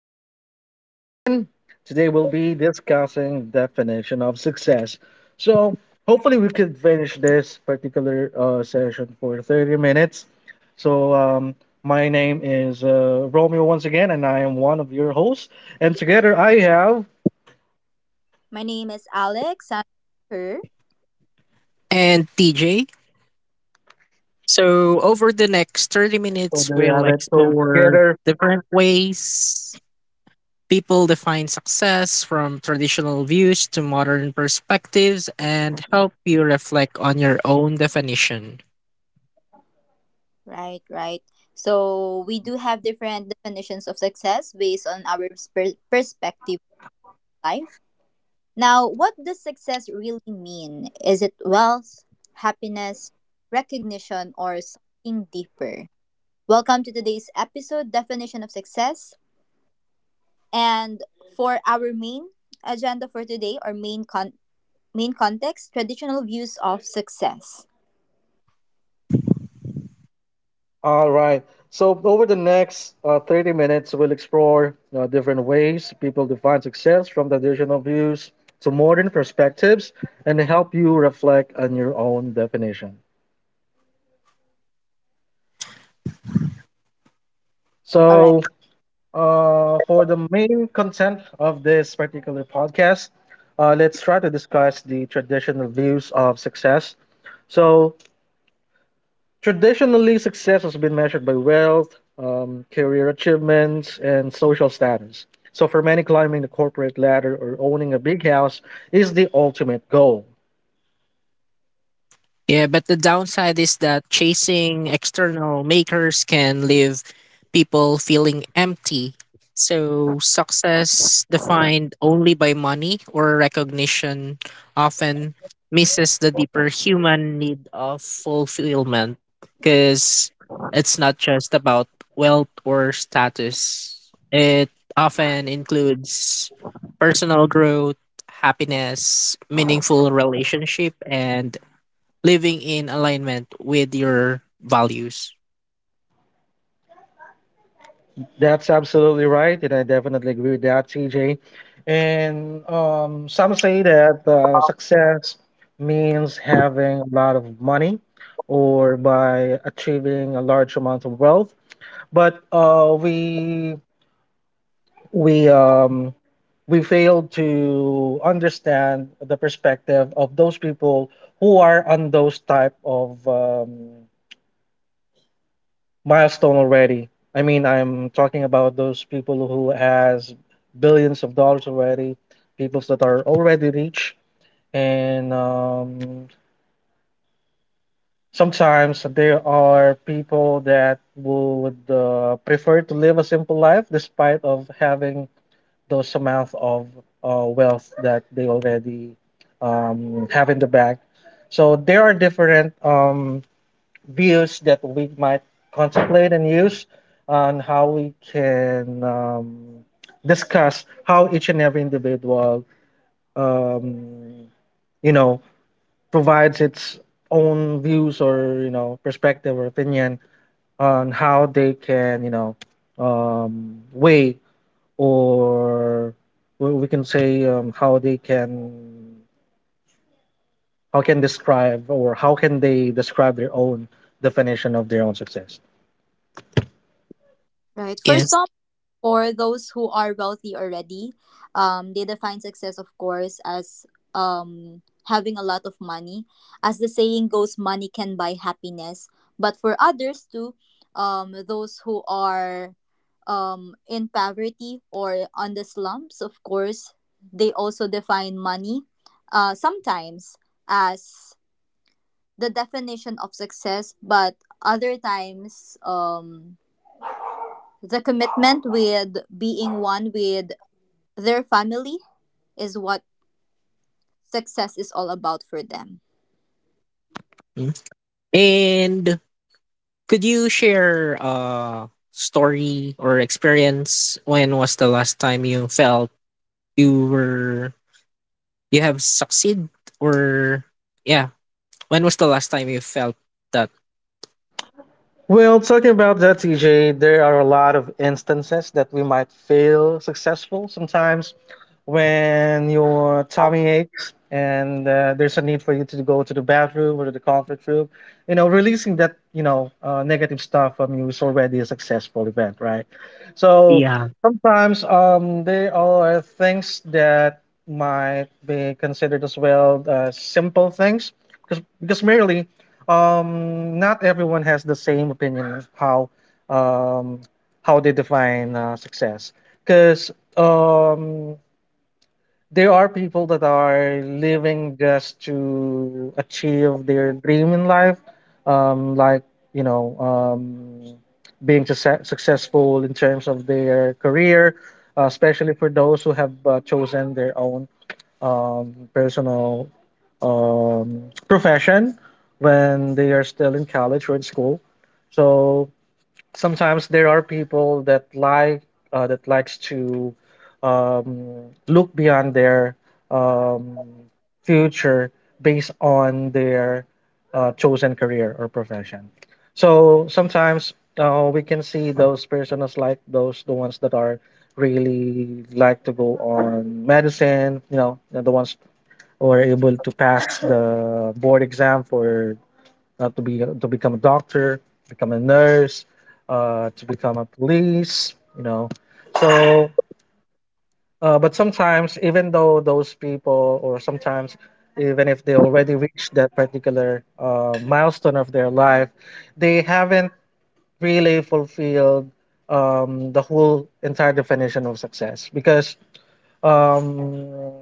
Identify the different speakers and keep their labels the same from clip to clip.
Speaker 1: our podcast season. Today we'll be discussing definition of success. So hopefully we could finish this particular session for 30 minutes. So my name is Romeo once again, and I am one of your hosts. And together I have,
Speaker 2: My name is Alex. I'm her.
Speaker 3: And TJ. So, over the next 30
Speaker 1: so
Speaker 3: minutes,
Speaker 1: there you
Speaker 3: we'll
Speaker 1: have it. So
Speaker 3: explore
Speaker 1: together.
Speaker 3: different ways people define success from traditional views to modern perspectives and help you reflect on your own definition.
Speaker 2: Right. So we do have different definitions of success based on our perspective of life. Now, what does success really mean? Is it wealth, happiness, recognition, or something deeper? Welcome to today's episode, Definition of Success. And for our main agenda for today, or main context, traditional views of success.
Speaker 1: All right. So over the next 30 minutes, we'll explore different ways people define success from traditional views to modern perspectives and help you reflect on your own definition.
Speaker 2: All right.
Speaker 1: So for the main content of this particular podcast, let's try to discuss the traditional views of success. So traditionally, success has been measured by wealth, career achievements, and social status. So, for many, climbing the corporate ladder or owning a big house is the ultimate goal.
Speaker 3: Yeah, but the downside is that chasing external makers can leave people feeling empty. So, success defined only by money or recognition often misses the deeper human need of fulfillment, because it's not just about wealth or status, it often includes personal growth, happiness, meaningful relationship, and living in alignment with your values.
Speaker 1: That's absolutely right, and I definitely agree with that, TJ. And some say that success means having a lot of money or by achieving a large amount of wealth. But we we fail to understand the perspective of those people who are on those type of milestone already. I mean, I'm talking about those people who has billions of dollars already, people that are already rich, and sometimes there are people that would prefer to live a simple life despite of having those amount of wealth that they already have in the bank. So there are different views that we might contemplate and use on how we can discuss how each and every individual, um, you know, provides its own views or perspective or opinion on how they can weigh or, well, we can say how they can, how can they describe their own definition of their own success.
Speaker 2: Right.
Speaker 3: Yes.
Speaker 2: For those who are wealthy already, they define success, of course, as um, having a lot of money. As the saying goes, money can buy happiness. But for others too, those who are in poverty or on the slums, of course, they also define money sometimes as the definition of success, but other times, the commitment with being one with their family is what success is all about for them.
Speaker 3: Mm. And could you share a story or experience? When was the last time you felt you were you have succeed, or yeah? When was the last time you felt that?
Speaker 1: Well, talking about that, TJ, there are a lot of instances that we might feel successful sometimes when your tummy aches and there's a need for you to go to the bathroom or to the comfort room. Releasing that, negative stuff from you is already a successful event, right? So
Speaker 3: Yeah,
Speaker 1: sometimes there are things that might be considered as well simple things because, merely not everyone has the same opinion of how, um, how they define success, because um, there are people that are living just to achieve their dream in life, like you know, um, being successful in terms of their career, especially for those who have chosen their own personal um, profession when they are still in college or in school. So sometimes there are people that that likes to look beyond their um, future based on their chosen career or profession. So sometimes we can see those persons like those the ones that are really like to go on medicine. You know, the ones who are able to pass the board exam for to become a doctor, become a nurse, to become a police. You know, so but sometimes even though those people, or sometimes even if they already reached that particular milestone of their life, they haven't really fulfilled the whole entire definition of success because um,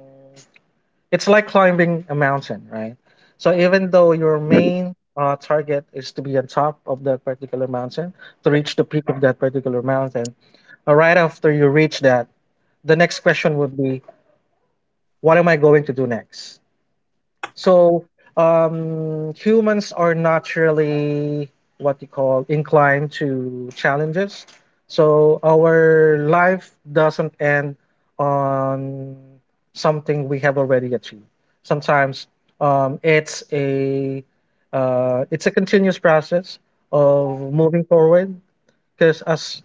Speaker 1: it's like climbing a mountain, right? So even though your main target is to be on top of that particular mountain, to reach the peak of that particular mountain, right after you reach that, the next question would be, what am I going to do next? So humans are naturally what you call inclined to challenges. So our life doesn't end on something we have already achieved. Sometimes um, it's a it's a continuous process of moving forward because as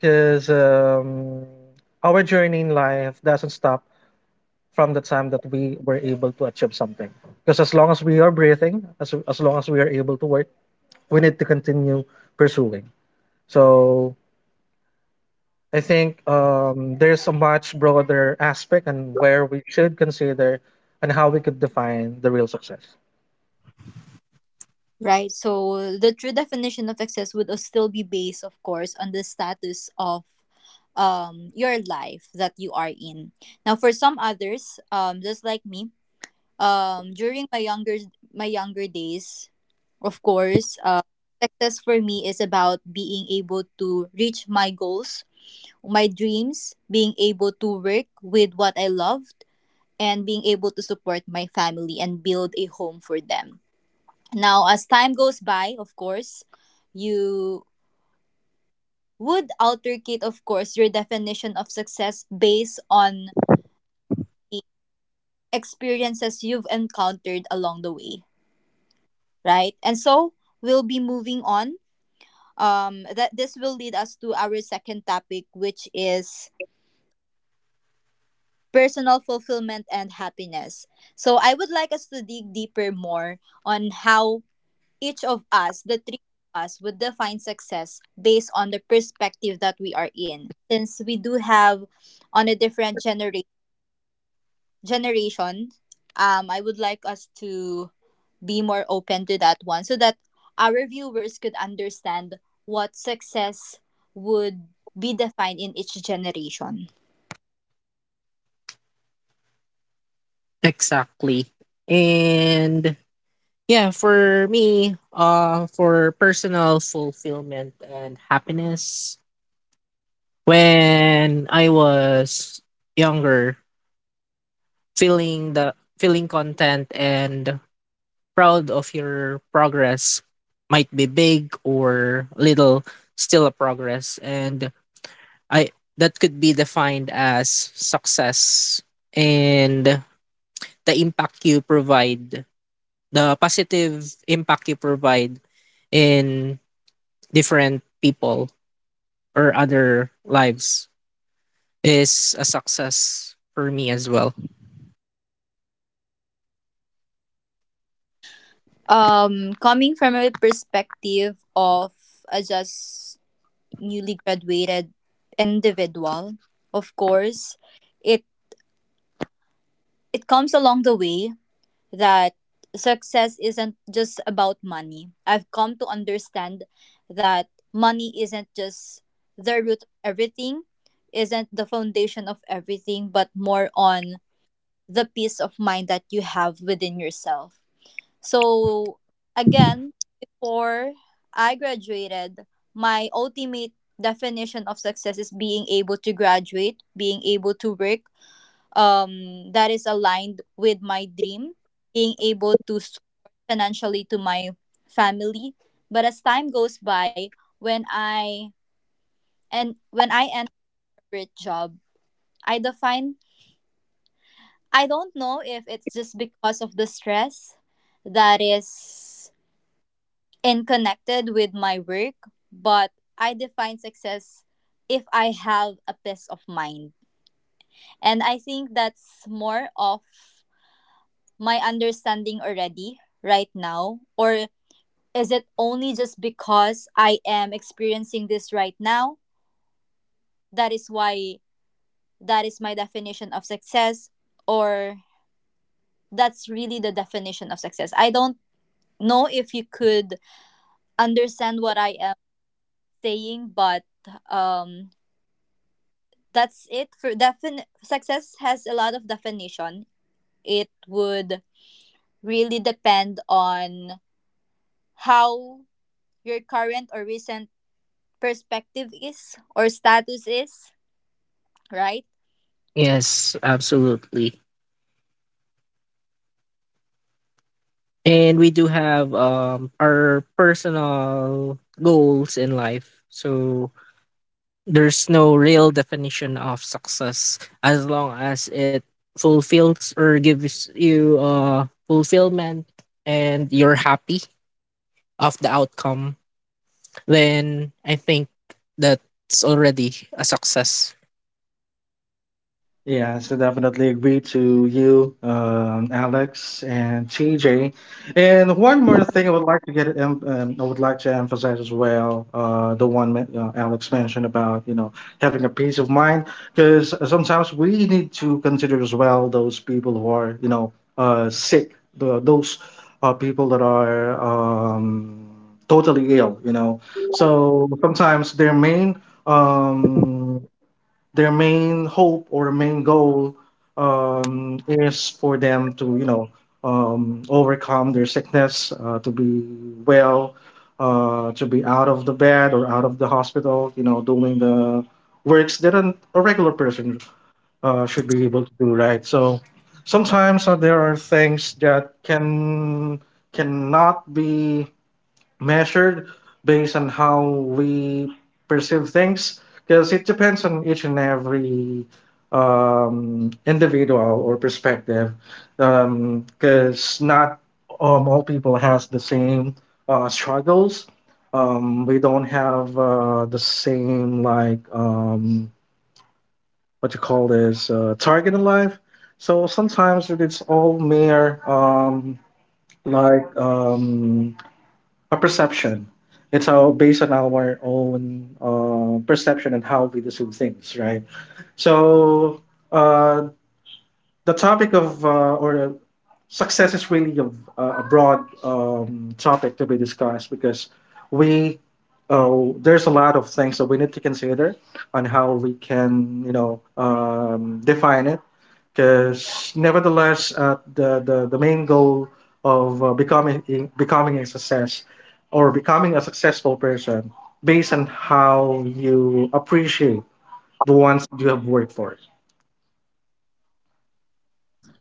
Speaker 1: because our journey in life doesn't stop from the time that we were able to achieve something. Because as long as we are breathing, as long as we are able to work, we need to continue pursuing. So I think there's a much broader aspect and where we should consider and how we could define the real success.
Speaker 2: Right. So the true definition of success would still be based, of course, on the status of your life that you are in. Now, for some others, just like me, during my younger days, of course, success for me is about being able to reach my goals, my dreams, being able to work with what I love, and being able to support my family and build a home for them. Now, as time goes by, of course, you would altercate, of course, your definition of success based on the experiences you've encountered along the way, right? And so we'll be moving on. That this will lead us to our second topic, which is personal fulfillment and happiness. So I would like us to dig deeper more on how each of us, the three of us, would define success based on the perspective that we are in. Since we do have on a different generation, I would like us to be more open to that one so that our viewers could understand what success would be defined in each generation.
Speaker 3: exactly? And yeah, for me, for personal fulfillment and happiness, when I was younger, feeling content and proud of your progress, might be big or little, still a progress, and I that could be defined as success, and the impact you provide, the positive impact you provide in different people or other lives is a success for me as well.
Speaker 2: Coming from a perspective of a just newly graduated individual, of course, it it comes along the way that success isn't just about money. I've come to understand that money isn't just the root of everything, isn't the foundation of everything, but more on the peace of mind that you have within yourself. So, again, before I graduated, my ultimate definition of success is being able to graduate, being able to work, that is aligned with my dream, being able to support financially to my family. But as time goes by, when I when I enter a corporate job, I define I don't know if it's just because of the stress that is in connected with my work, but I define success if I have a peace of mind. And I think that's more of my understanding already right now? Or is it only just because I am experiencing this right now? That is why that is my definition of success, or that's really the definition of success. I don't know if you could understand what I am saying, but um, that's it for success has a lot of definition. It would really depend on how your current or recent perspective is or status is, right?
Speaker 3: Yes, absolutely. And we do have our personal goals in life. So there's no real definition of success as long as it fulfills or gives you fulfillment and you're happy of the outcome, then I think that's already a success.
Speaker 1: Yeah, so definitely agree to you, Alex and TJ. And one more thing I would like to get, I would like to emphasize as well, the one Alex mentioned about, you know, having a peace of mind, because sometimes we need to consider as well those people who are, you know, sick, those people that are totally ill, you know. So sometimes their main um hope or main goal is for them to overcome their sickness to be well, to be out of the bed or out of the hospital, you know, doing the works that a regular person should be able to do, right? So sometimes there are things that cannot be measured based on how we perceive things, because it depends on each and every individual or perspective, because not all people has the same struggles. We don't have the same like what you call this target in life. So sometimes it's all mere like um, a perception. It's all based on our own perception and how we perceive things, right? So uh, the topic of or success is really a broad topic to be discussed, because we there's a lot of things that we need to consider on how we can, define it, because nevertheless the main goal of becoming a success or becoming a successful person based on how you appreciate the ones you have worked for.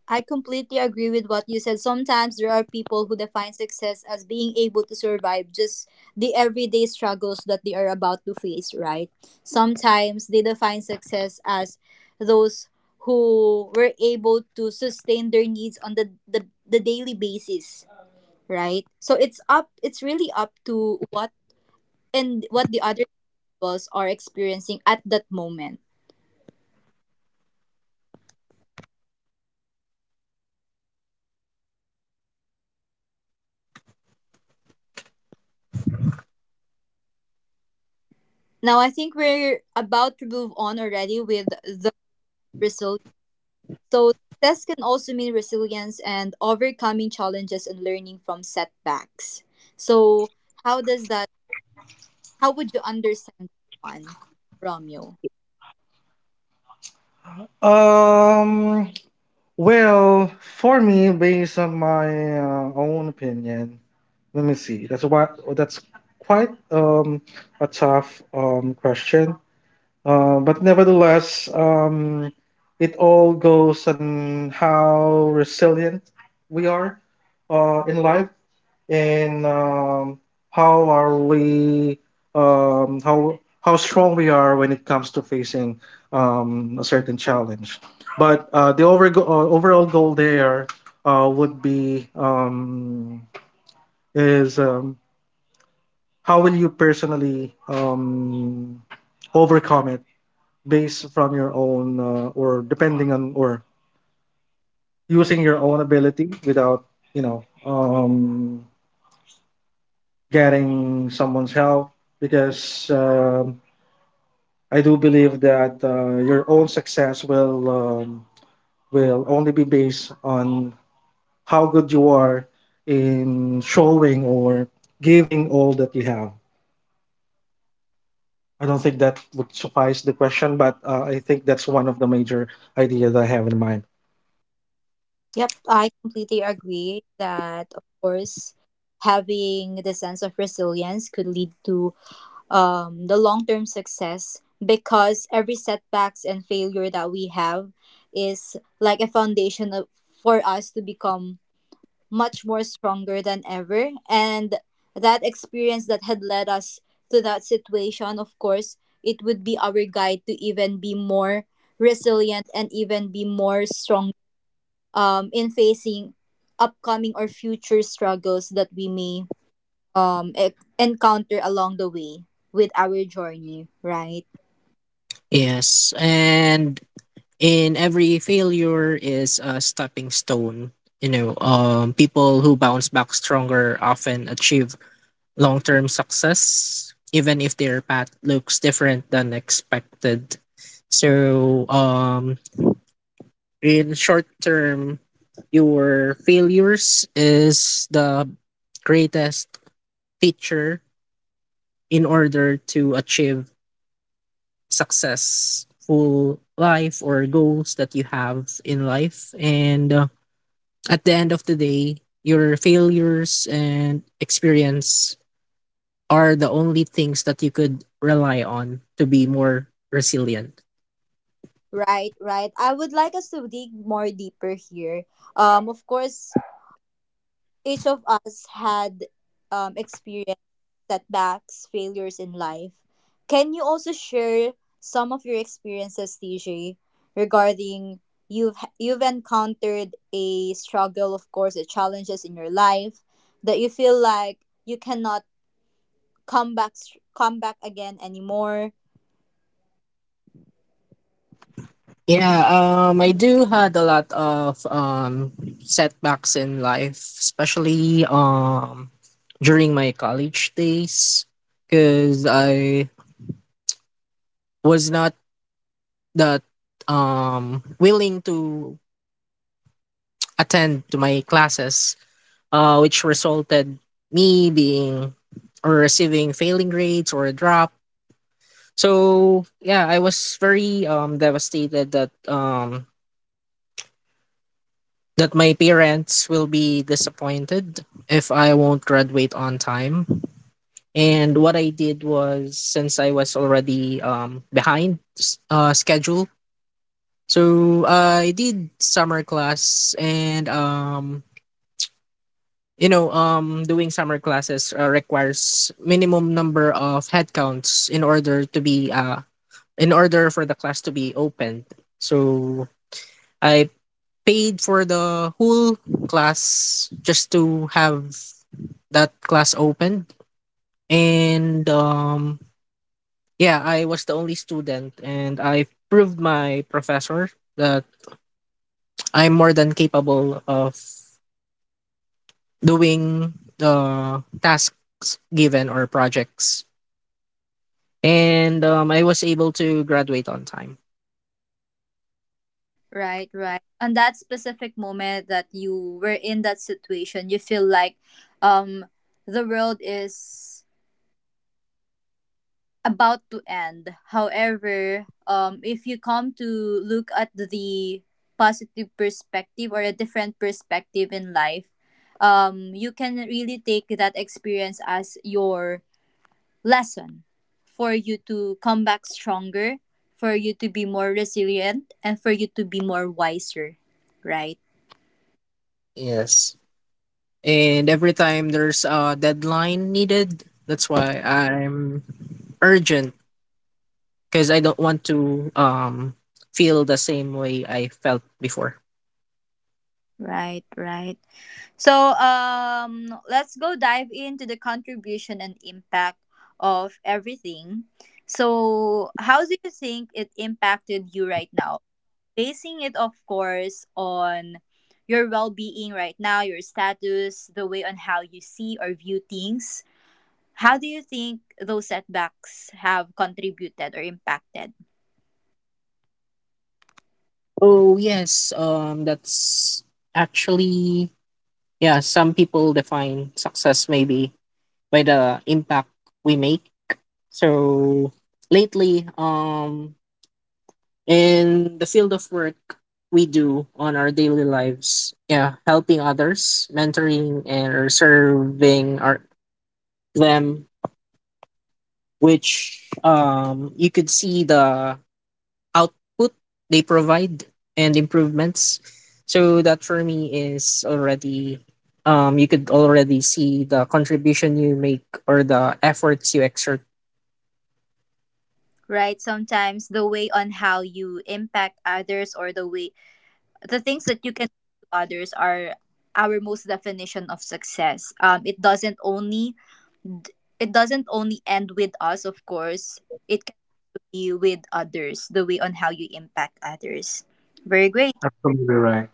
Speaker 2: I completely agree with what you said. Sometimes there are people who define success as being able to survive just the everyday struggles that they are about to face, right? Sometimes they define success as those who were able to sustain their needs on the daily basis, right? So it's really up to what and what the other people's are experiencing at that moment. Now I think we're about to move on already with the resilience. So success can also mean resilience and overcoming challenges and learning from setbacks. So how does that how would you understand that one, Romeo?
Speaker 1: um well, for me, based on my own opinion, let me see. That's what. That's quite a tough question. But nevertheless, it all goes on how resilient we are in life, and how are we, how strong we are when it comes to facing a certain challenge. But overall goal there would be, is how will you personally overcome it based from your own or depending on or using your own ability without you know um, getting someone's help, because I do believe that your own success will only be based on how good you are in showing or giving all that you have. I don't think that would suffice the question, but I think that's one of the major ideas I have in mind.
Speaker 2: Yep, I completely agree that, of course, having the sense of resilience could lead to the long term success, because every setbacks and failure that we have is like a foundation of, for us to become much more stronger than ever, and that experience that had led us to that situation, of course, it would be our guide to even be more resilient and even be more strong in facing upcoming or future struggles that we may encounter along the way with our journey,
Speaker 3: Yes, and in every failure is a stepping stone. You know, people who bounce back stronger often achieve long term success, even if their path looks different than expected. So, in short term, your failures is the greatest teacher in order to achieve successful life or goals that you have in life. And at the end of the day, your failures and experience are the only things that you could rely on to be more resilient.
Speaker 2: right Right, I would like us to dig more deeper here. Of course, each of us had experienced setbacks, failures in life. Can you also share some of your experiences, TJ, regarding you've encountered a struggle, of course, the challenges in your life that you feel like you cannot come back again anymore?
Speaker 3: Yeah, I do had a lot of setbacks in life, especially during my college days, because I was not that willing to attend to my classes, which resulted me being or receiving failing grades or a drop. So yeah, I was very devastated that that my parents will be disappointed if I won't graduate on time. And what I did was, since I was already behind schedule, so I did summer class and you know, doing summer classes requires minimum number of headcounts in order to be in order for the class to be opened. So I paid for the whole class just to have that class opened, and yeah, I was the only student, and I proved my professor that I'm more than capable of doing the tasks given or projects. And I was able to graduate on time.
Speaker 2: Right, right. On that specific moment that you were in that situation, you feel like um the world is about to end. However, if you come to look at the positive perspective or a different perspective in life, you can really take that experience as your lesson for you to come back stronger, for you to be more resilient, and for you to be more wiser, right?
Speaker 3: Yes, and every time there's a deadline needed, that's why I'm urgent because I don't want to feel the same way I felt before.
Speaker 2: Right, right. So, let's go dive into the contribution and impact of everything. So, how do you think it impacted you right now? Basing it, of course, on your well being right now, your status, the way on how you see or view things. How do you think those setbacks have contributed or impacted?
Speaker 3: Oh yes, that's actually yeah. Some people define success maybe by the impact we make. So lately, in the field of work we do on our daily lives. Yeah, helping others, mentoring and serving our them, which you could see the output they provide and improvements. So that for me is already you could already see the contribution you make or the efforts you exert.
Speaker 2: Right, sometimes the way on how you impact others, or the way the things that you can do to others are our most definition of success. It doesn't only end with us. Of course, it can be with others, the way on how you impact others. Very great
Speaker 1: Absolutely right.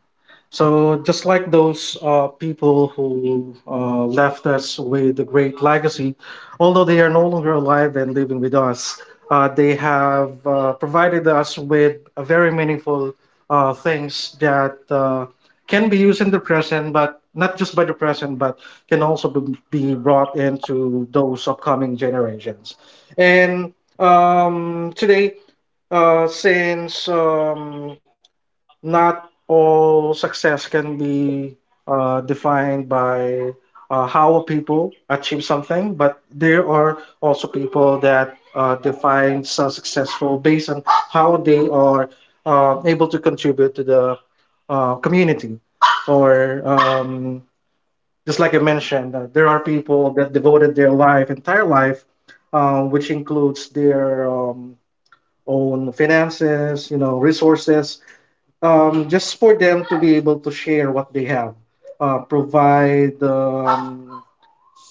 Speaker 1: So just like those people who left us with a great legacy, although they are no longer alive and living with us, they have provided us with a very meaningful things that can be used in the present, but not just by the present, but can also be brought into those upcoming generations. And today, since not all success can be defined by how people achieve something, but there are also people that define successful based on how they are able to contribute to the community. Or just like I mentioned, there are people that devoted their life, entire life, which includes their own finances, you know, resources, just for them to be able to share what they have, provide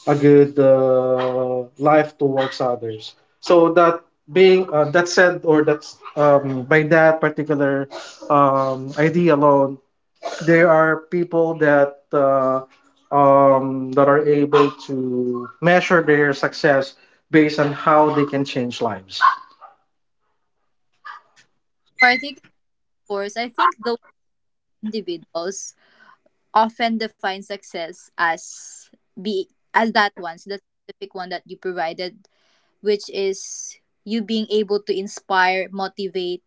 Speaker 1: a good life towards others. So that being that said, or that's by that particular idea alone, there are people that that are able to measure their success based on how they can change lives.
Speaker 2: particular course, I think those individuals often define success as be as that one, so the specific one that you provided, which is you being able to inspire, motivate,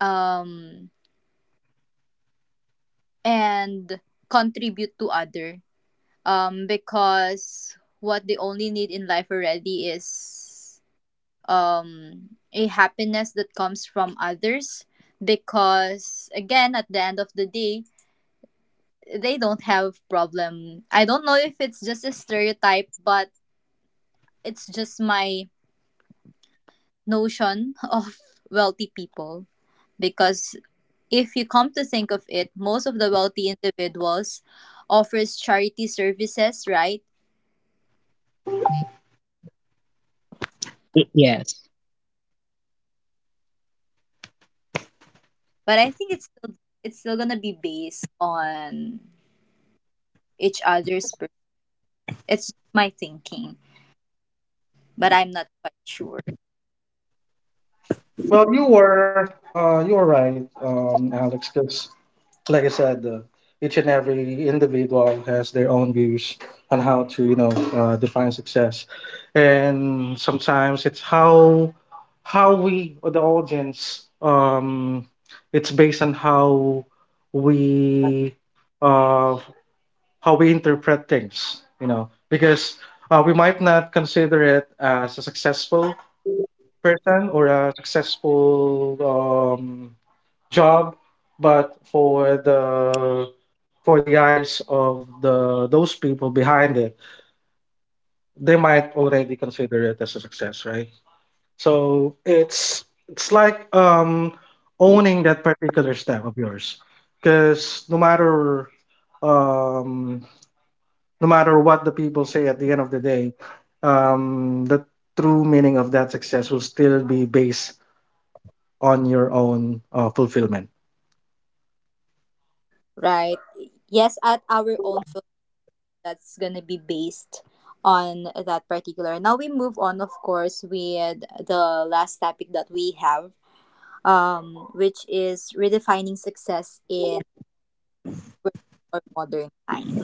Speaker 2: um and contribute to other, because what they only need in life already is a happiness that comes from others, because, again, at the end of the day, they don't have problem. I don't know if it's just a stereotype, but it's just my notion of wealthy people, because if you come to think of it, most of the wealthy individuals offers charity services, right?
Speaker 3: Yes.
Speaker 2: But I think it's still, it's still gonna be based on each other's. It's my thinking, but I'm not quite sure.
Speaker 1: Well, you were right, Alex, 'cause like I said, each and every individual has their own views on how to, you know, define success, and sometimes it's how we, or the audience, it's based on we uh, how we interpret things, you know, because we might not consider it as a successful person or a successful um, job, but for the eyes of the those people behind it, they might already consider it as a success, right? So it's like owning that particular step of yours, because um no matter what the people say at the end of the day, the true meaning of that success will still be based on your own fulfillment.
Speaker 2: Right? Yes, at our own film, that's gonna be based on that particular. Now we move on, of course, with the last topic that we have, which is redefining success in work or modern time.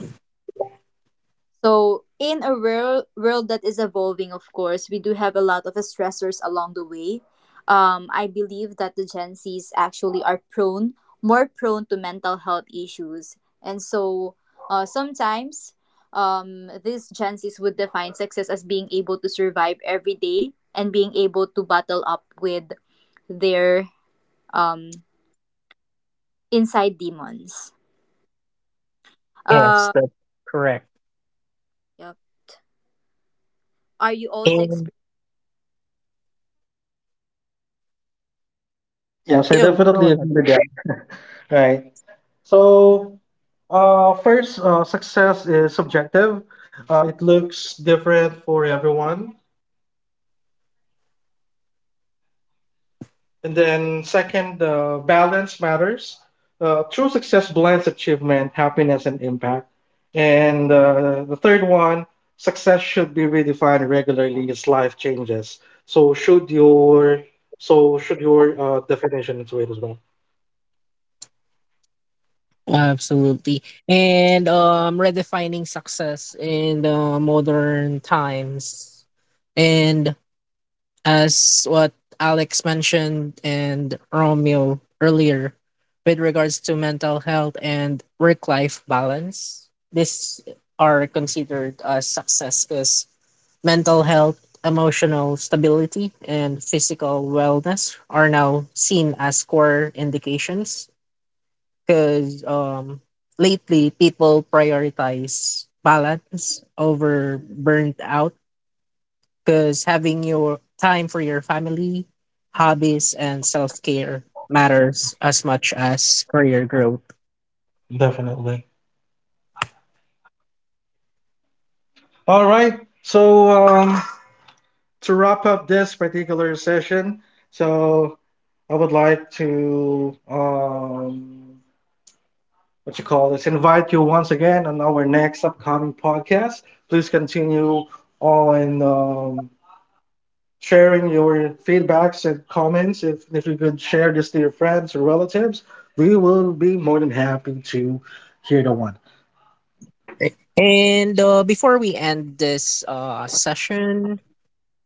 Speaker 2: So, in a world that is evolving, of course, we do have a lot of stressors along the way. I believe that the Gen Zs actually are more prone to mental health issues. And so, sometimes these Gen Zs would define success as being able to survive every day and being able to battle up with their um, inside demons.
Speaker 3: Yes,
Speaker 2: Uh,
Speaker 3: that's correct.
Speaker 2: yep. Are you also
Speaker 3: And
Speaker 2: experiencing
Speaker 1: Yes, I
Speaker 3: you go
Speaker 1: definitely agree
Speaker 3: ahead.
Speaker 1: with that. Right. So, first, success is subjective. It looks different for everyone. And then, second, balance matters. True success blends achievement, happiness, and impact. And the third one, success should be redefined regularly as life changes. So should your so should your definition into it as well.
Speaker 3: Absolutely. And redefining success in the modern times. And as what Alex mentioned and Romeo earlier with regards to mental health and work life balance, these are considered as success because mental health, emotional stability, and physical wellness are now seen as core indications because lately people prioritize balance over burnt out because having your time for your family, hobbies, and self care matters as much as career growth.
Speaker 1: Definitely. All right. So to wrap up this particular session, so I would like to what you call this, invite you once again on our next upcoming podcast. Please continue on sharing your feedbacks and comments. If you could share this to your friends or relatives, we will be more than happy to hear the one.
Speaker 3: And before we end this session,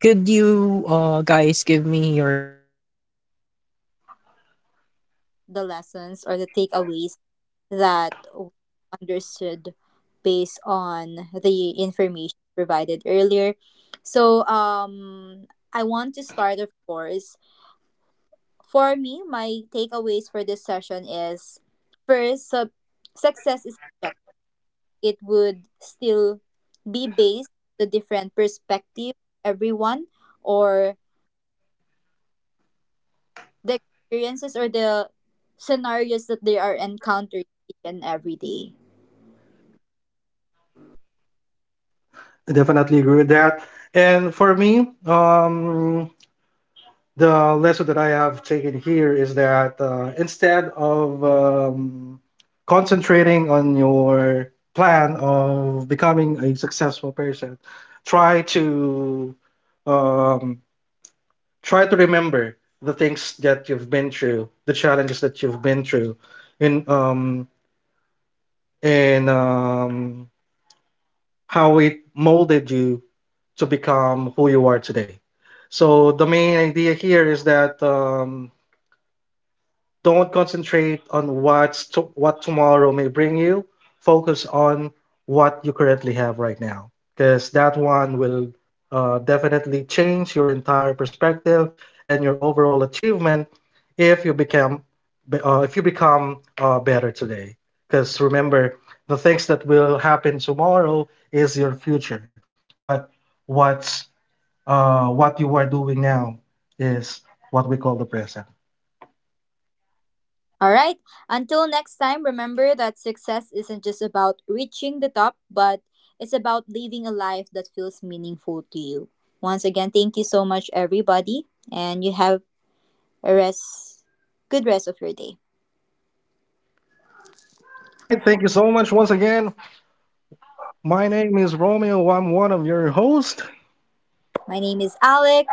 Speaker 3: could you guys give me your takeaways for today's episode?
Speaker 2: the lessons or the takeaways that we understood based on the information provided earlier. So, I want to start, of course. For me, my takeaways for this session is first, success is subjective. It would still be based on the different perspective of everyone, or the experiences or the scenarios that they are encountering each and every day.
Speaker 1: I definitely agree with that. And for me, the lesson that I have taken here is that instead of concentrating on your plan of becoming a successful person, try to um, remember the things that you've been through, the challenges that you've been through, and and um, how it molded you to become who you are today. So the main idea here is that. Don't concentrate on what tomorrow may bring you. Focus on what you currently have right now, because that one will definitely change your entire perspective and your overall achievement if you become if you become better today. Because remember, the things that will happen tomorrow is your future, but what's what you are doing now is what we call the present.
Speaker 2: All right. Until next time, remember that success isn't just about reaching the top, but it's about living a life that feels meaningful to you. Once again, thank you so much, everybody, and you have a rest, good rest of your day.
Speaker 1: All right, thank you so much once again. My name is Romeo. I'm one of your hosts,
Speaker 2: My name is Alex.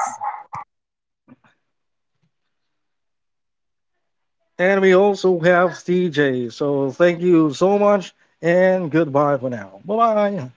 Speaker 1: and we also have DJ. So thank you so much, and goodbye for now. Bye bye.